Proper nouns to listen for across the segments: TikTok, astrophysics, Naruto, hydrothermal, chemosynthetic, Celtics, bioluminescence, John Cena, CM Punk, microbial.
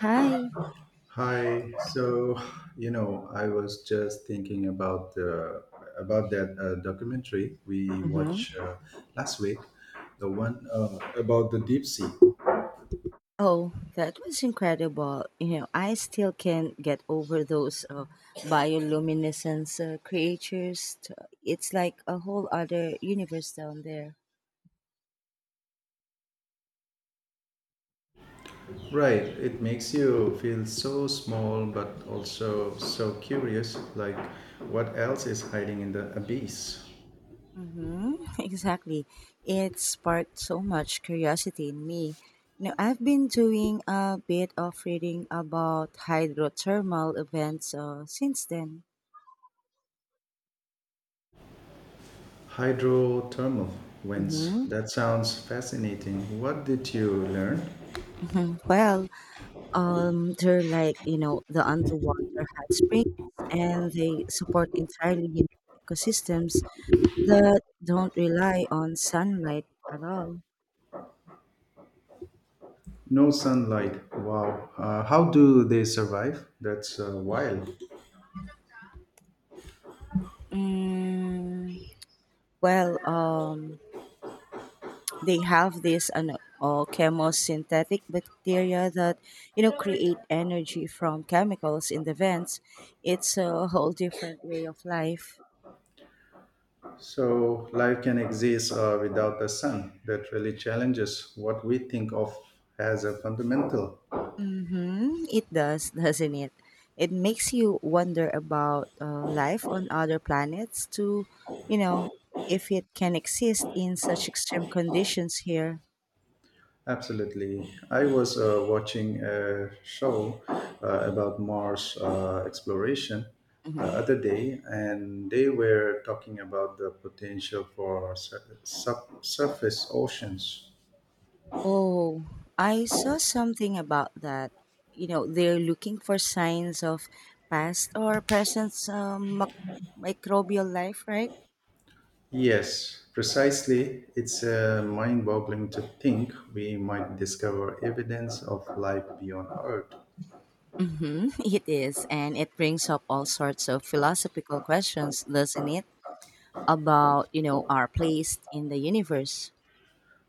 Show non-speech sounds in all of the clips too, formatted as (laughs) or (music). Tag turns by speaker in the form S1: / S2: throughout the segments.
S1: Hi.
S2: Hi. So, you know, I was just thinking about the about that documentary we
S1: Hmm.
S2: watched last week, the one about the deep sea.
S1: Oh, that was incredible. You know, I still can't get over those bioluminescence creatures. It's like a whole other universe down there.
S2: Right. It makes you feel so small, but also so curious. Like, what else is hiding in the abyss?
S1: Hmm. (laughs) Exactly. It sparked so much curiosity in me. You know, I've been doing a bit of reading about hydrothermal events since then.
S2: Hydrothermal vents.
S1: Mm-hmm.
S2: That sounds fascinating. What did you learn?
S1: (laughs) Well, they're like the underwater hot springs, and they support entirely unique ecosystems that don't rely on sunlight at all.
S2: No sunlight. Wow. How do they survive? That's wild.
S1: Mm, Well, they have this chemosynthetic bacteria that create energy from chemicals in the vents. It's a whole different way of life.
S2: So, life can exist without the sun. That really challenges what we think of as a fundamental.
S1: Mm-hmm. It does, doesn't it? It makes you wonder about life on other planets too, you know, if it can exist in such extreme conditions here.
S2: Absolutely. I was watching a show about Mars exploration the
S1: Hmm.
S2: other day, and they were talking about the potential for subsurface oceans.
S1: Oh, I saw something about that. You know, they're looking for signs of past or present microbial life, right?
S2: Yes, precisely. It's mind boggling to think we might discover evidence of life beyond Earth.
S1: Mm-hmm. (laughs) It is, and it brings up all sorts of philosophical questions, doesn't it? About our place in the universe.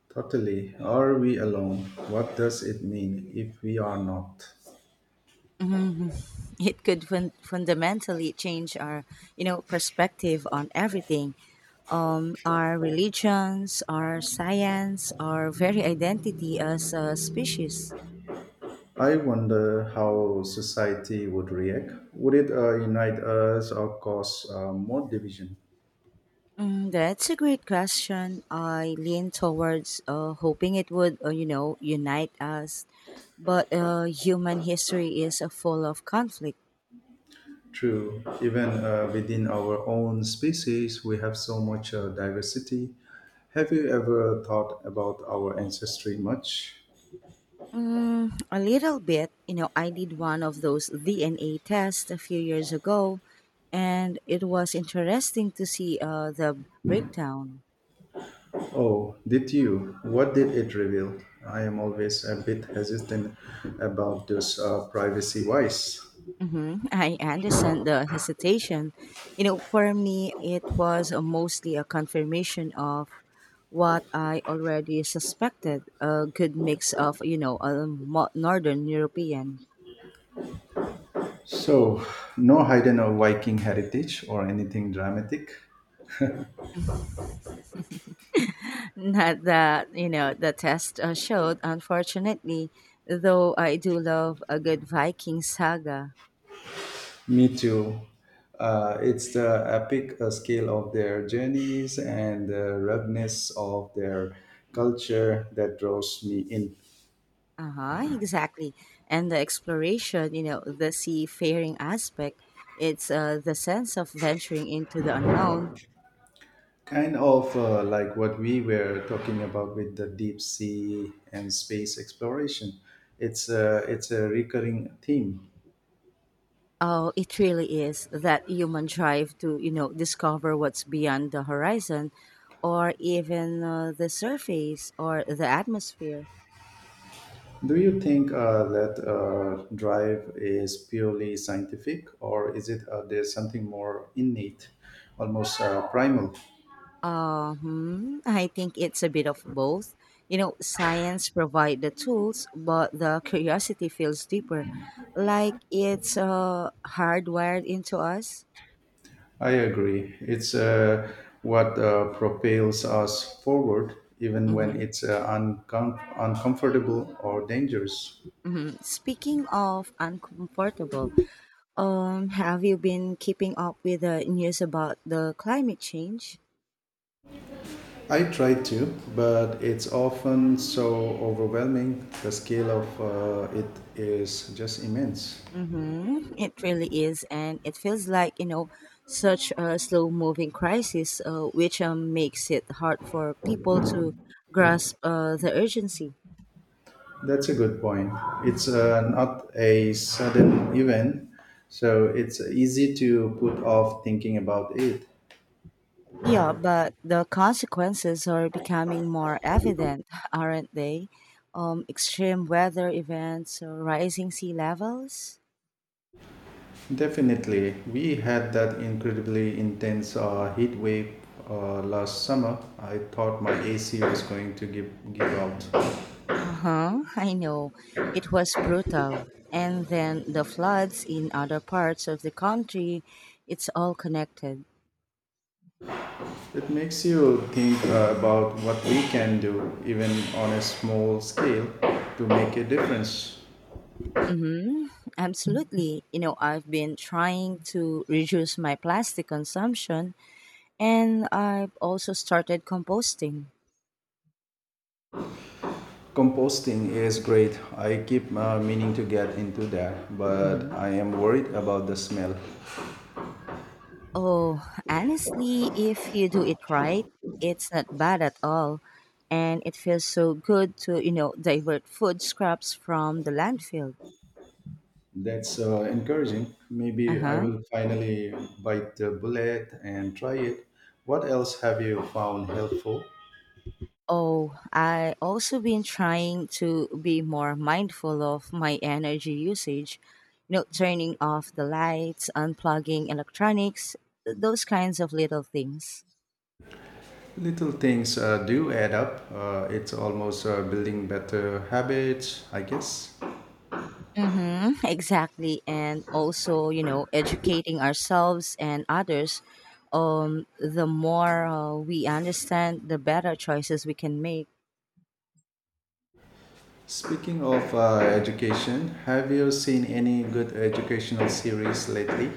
S2: Totally. Are we alone? What does it mean if we are not?
S1: Mhm. (laughs) It could fundamentally change our perspective on everything, our religions, our science, our very identity as a species.
S2: I wonder how society would react. Would it unite us or cause more division?
S1: That's a great question. I lean towards hoping it would, you know, unite us. But human history is full of conflict.
S2: True. Even within our own species, we have so much diversity. Have you ever thought about our ancestry much?
S1: Mm, a little bit. You know, I did one of those DNA tests a few years ago, and it was interesting to see the breakdown.
S2: Oh, did you? What did it reveal? I am always a bit hesitant about those privacy wise.
S1: Hmm. (laughs) I understand the hesitation. You know, for me, it was mostly a confirmation of what I already suspected, a good mix of, you know, Northern European.
S2: So, no hidden or Viking heritage or anything dramatic.
S1: Not that, you know, the test showed, unfortunately, though I do love a good Viking saga.
S2: Me too. It's the epic scale of their journeys and the ruggedness of their culture that draws me in.
S1: Uh huh, exactly. And the exploration, you know, the seafaring aspect, it's the sense of venturing into the unknown.
S2: Kind of like what we were talking about with the deep sea and space exploration. It's a recurring theme.
S1: Oh, it really is that human drive to, you know, discover what's beyond the horizon, or even the surface or the atmosphere.
S2: Do you think that drive is purely scientific, or is it there's something more innate, almost primal?
S1: Hmm, I think it's a bit of both. You know, science provide the tools, but the curiosity feels deeper, like it's hardwired into us.
S2: I agree. It's What propels us forward, even when
S1: Mm-hmm.
S2: it's uncomfortable or dangerous.
S1: Mm-hmm. Speaking of uncomfortable, have you been keeping up with the news about the climate change?
S2: I try to, but it's often so overwhelming. The scale of it is just immense.
S1: Mm-hmm. It really is, and it feels like such a slow-moving crisis, which makes it hard for people to grasp the urgency.
S2: That's a good point. It's not a sudden event, so it's easy to put off thinking about it.
S1: Yeah, but the consequences are becoming more evident, (laughs) aren't they? Extreme weather events, rising sea levels.
S2: Definitely, we had that incredibly intense heat wave last summer. I thought my AC was going to give out.
S1: Uh huh. I know. It was brutal. And then the floods in other parts of the country. It's all connected.
S2: It makes you think about what we can do, even on a small scale, to make a difference.
S1: Mm-hmm. Absolutely. You know, I've been trying to reduce my plastic consumption, and I've also started composting.
S2: Composting is great. I keep meaning to get into that, but
S1: Mm-hmm.
S2: I am worried about the smell.
S1: Oh, honestly, if you do it right, it's not bad at all. And it feels so good to, you know, divert food scraps from the landfill.
S2: That's encouraging.
S1: Uh
S2: Maybe I
S1: huh.
S2: will finally bite the bullet and try it. What else have you found helpful?
S1: Oh, I also been trying to be more mindful of my energy usage. You know, turning off the lights, unplugging electronics, those kinds of little things.
S2: Little things do add up. It's almost building better habits, I guess.
S1: Mm-hmm, (laughs) exactly. And also, you know, educating ourselves and others. The more we understand, the better choices we can make.
S2: Speaking of education, have you seen any good educational series lately?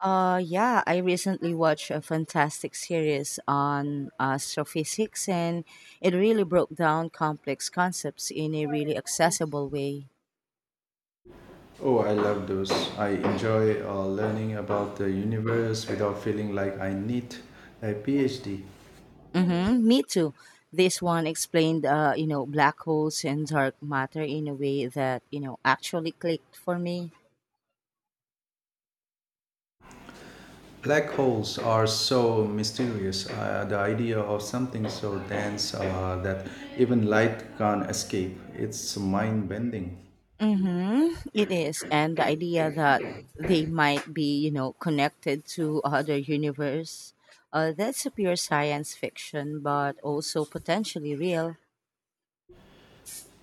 S1: Yeah, I recently watched a fantastic series on astrophysics, and it really broke down complex concepts in a really accessible way.
S2: Oh, I love those. I enjoy learning about the universe without feeling like I need a PhD.
S1: Mm-hmm, me too. This one explained, you know, black holes and dark matter in a way that actually clicked for me.
S2: Black holes are so mysterious. The idea of something so dense that even light can't escape. It's mind bending.
S1: Mm-hmm, it is, and the idea that they might be, you know, connected to other universe. That's a pure science fiction, but also potentially real.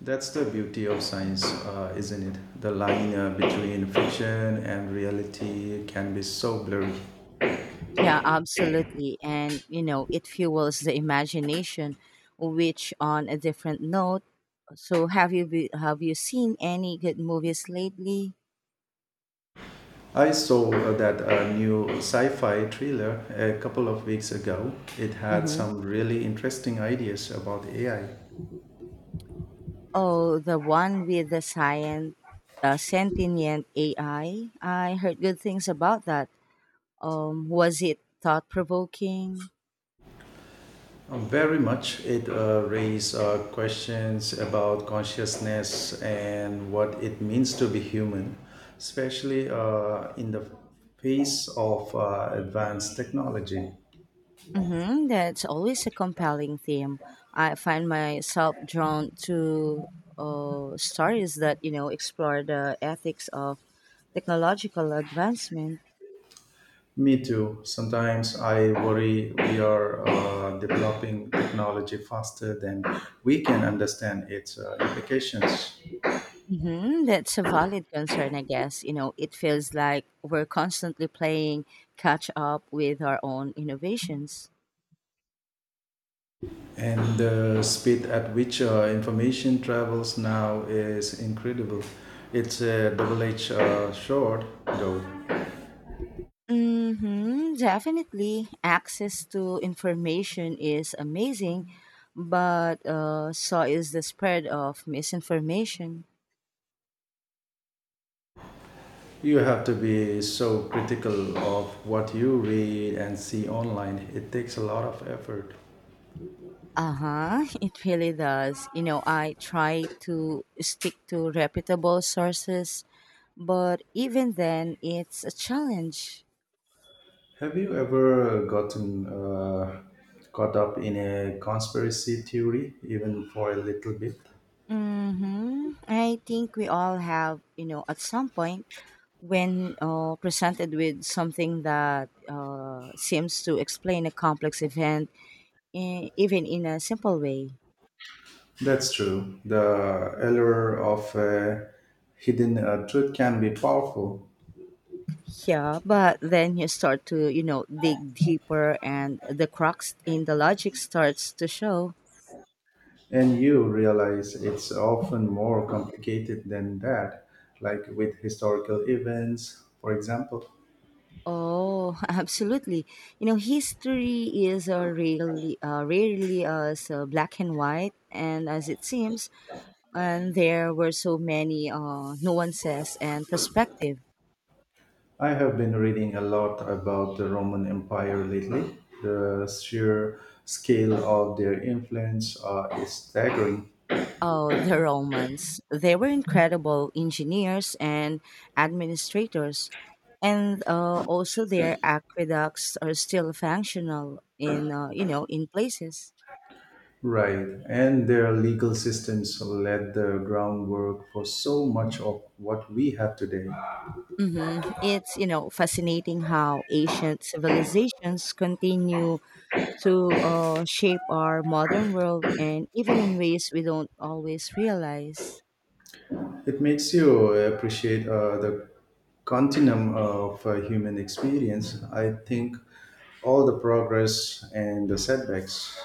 S2: That's the beauty of science, isn't it? The line between fiction and reality can be so blurry.
S1: Yeah, absolutely. And, you know, it fuels the imagination, which on a different note. Have you seen any good movies lately?
S2: I saw that new sci fi thriller a couple of weeks ago. It had
S1: Mm-hmm.
S2: some really interesting ideas about AI.
S1: Oh, the one with the science, sentient AI. I heard good things about that. Was it thought provoking?
S2: Very much it raised questions about consciousness and what it means to be human, especially in the face of advanced technology.
S1: Hmm. That's always a compelling theme. I find myself drawn to stories that explore the ethics of technological advancement.
S2: Me too. Sometimes I worry we are developing technology faster than we can understand its implications.
S1: Hmm. That's a valid concern, I guess. You know, it feels like we're constantly playing catch up with our own innovations.
S2: And the speed at which information travels now is incredible. It's a double edged sword, though.
S1: Mm-hmm, definitely. Access to information is amazing, but so is the spread of misinformation.
S2: You have to be so critical of what you read and see online. It takes a lot of effort.
S1: Uh-huh, (laughs) it really does. You know, I try to stick to reputable sources, but even then it's a challenge.
S2: Have you ever gotten caught up in a conspiracy theory, even for a little bit?
S1: Mm-hmm. I think we all have, you know, at some point when presented with something that seems to explain a complex event, even in a simple way.
S2: That's true. The allure of a hidden truth can be powerful,
S1: Yeah, but then you start to, you know, dig deeper and the crux in the logic starts to show.
S2: and you realize it's often more complicated than that, like with historical events, for example.
S1: Oh, (laughs) absolutely. You know, history is rarely as black and white, and as it seems, and there were so many nuances and perspective.
S2: I have been reading a lot about the Roman Empire lately. The sheer scale of their influence is staggering.
S1: Oh, the Romans. They were incredible engineers and administrators, and also their aqueducts are still functional in, you know, in places.
S2: Right. And their legal systems laid the groundwork for so much of what we have today.
S1: Hmm. It's, you know, fascinating how ancient civilizations continue to shape our modern world and even in ways we don't always realize.
S2: It makes you appreciate the continuum of human experience. I think all the progress and the setbacks.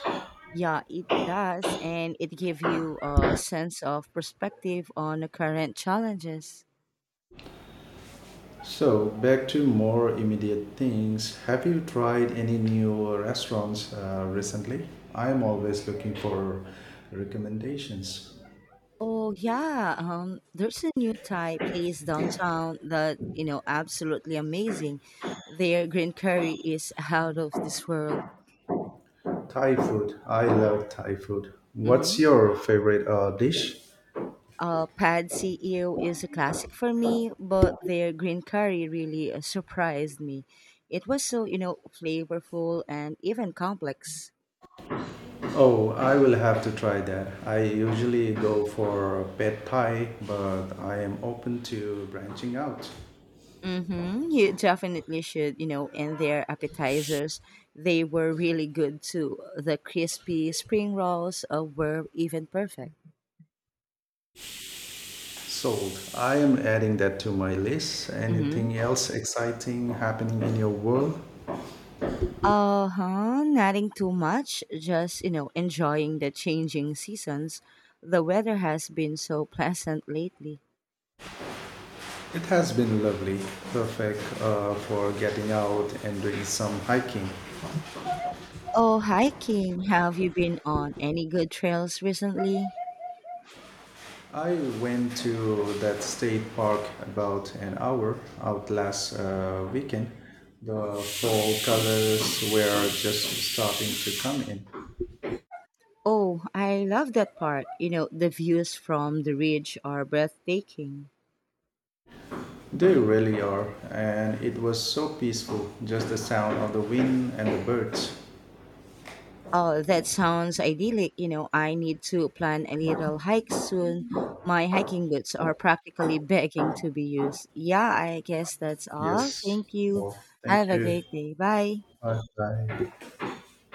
S1: Yeah, it does, and it gives you a sense of perspective on the current challenges.
S2: So, back to more immediate things. Have you tried any new restaurants recently? I'm always looking for recommendations.
S1: Oh yeah, there's a new Thai place downtown that absolutely amazing. Their green curry is (laughs) out of this world.
S2: Thai food. I love Thai food. What's
S1: Mhm.
S2: your favorite dish?
S1: Pad CEO is a classic for me, but their green curry really surprised me. It was so, you know, flavorful and even complex.
S2: Oh, I will have to try that. I usually go for pad thai, but I am open to branching out.
S1: Mm-hmm. You definitely should, you know, and their appetizers, they were really good too. The crispy spring rolls were even perfect.
S2: Sold. I am adding that to my list.
S1: Mm-hmm.
S2: Anything else exciting happening in your world?
S1: Uh huh. Nothing too much. Just you know, enjoying the changing seasons. The weather has been so pleasant lately.
S2: It has been lovely. Perfect for getting out and doing some hiking.
S1: Oh, hiking. Have you been on any good trails recently?
S2: I went to that state park about an hour out last weekend. The fall colors were just starting to come in.
S1: Oh, I love that part. You know, the views from the ridge are breathtaking.
S2: They really are, and it was so peaceful, just the sound of the wind and the birds.
S1: Oh, that sounds idyllic. You know, I need to plan a little hike soon. My hiking boots are practically (laughs) begging to be used. Yeah, I guess that's all.
S2: Yes.
S1: Thank you.
S2: Oh, thank
S1: Have a
S2: you.
S1: great day. Bye.
S2: Bye. Bye.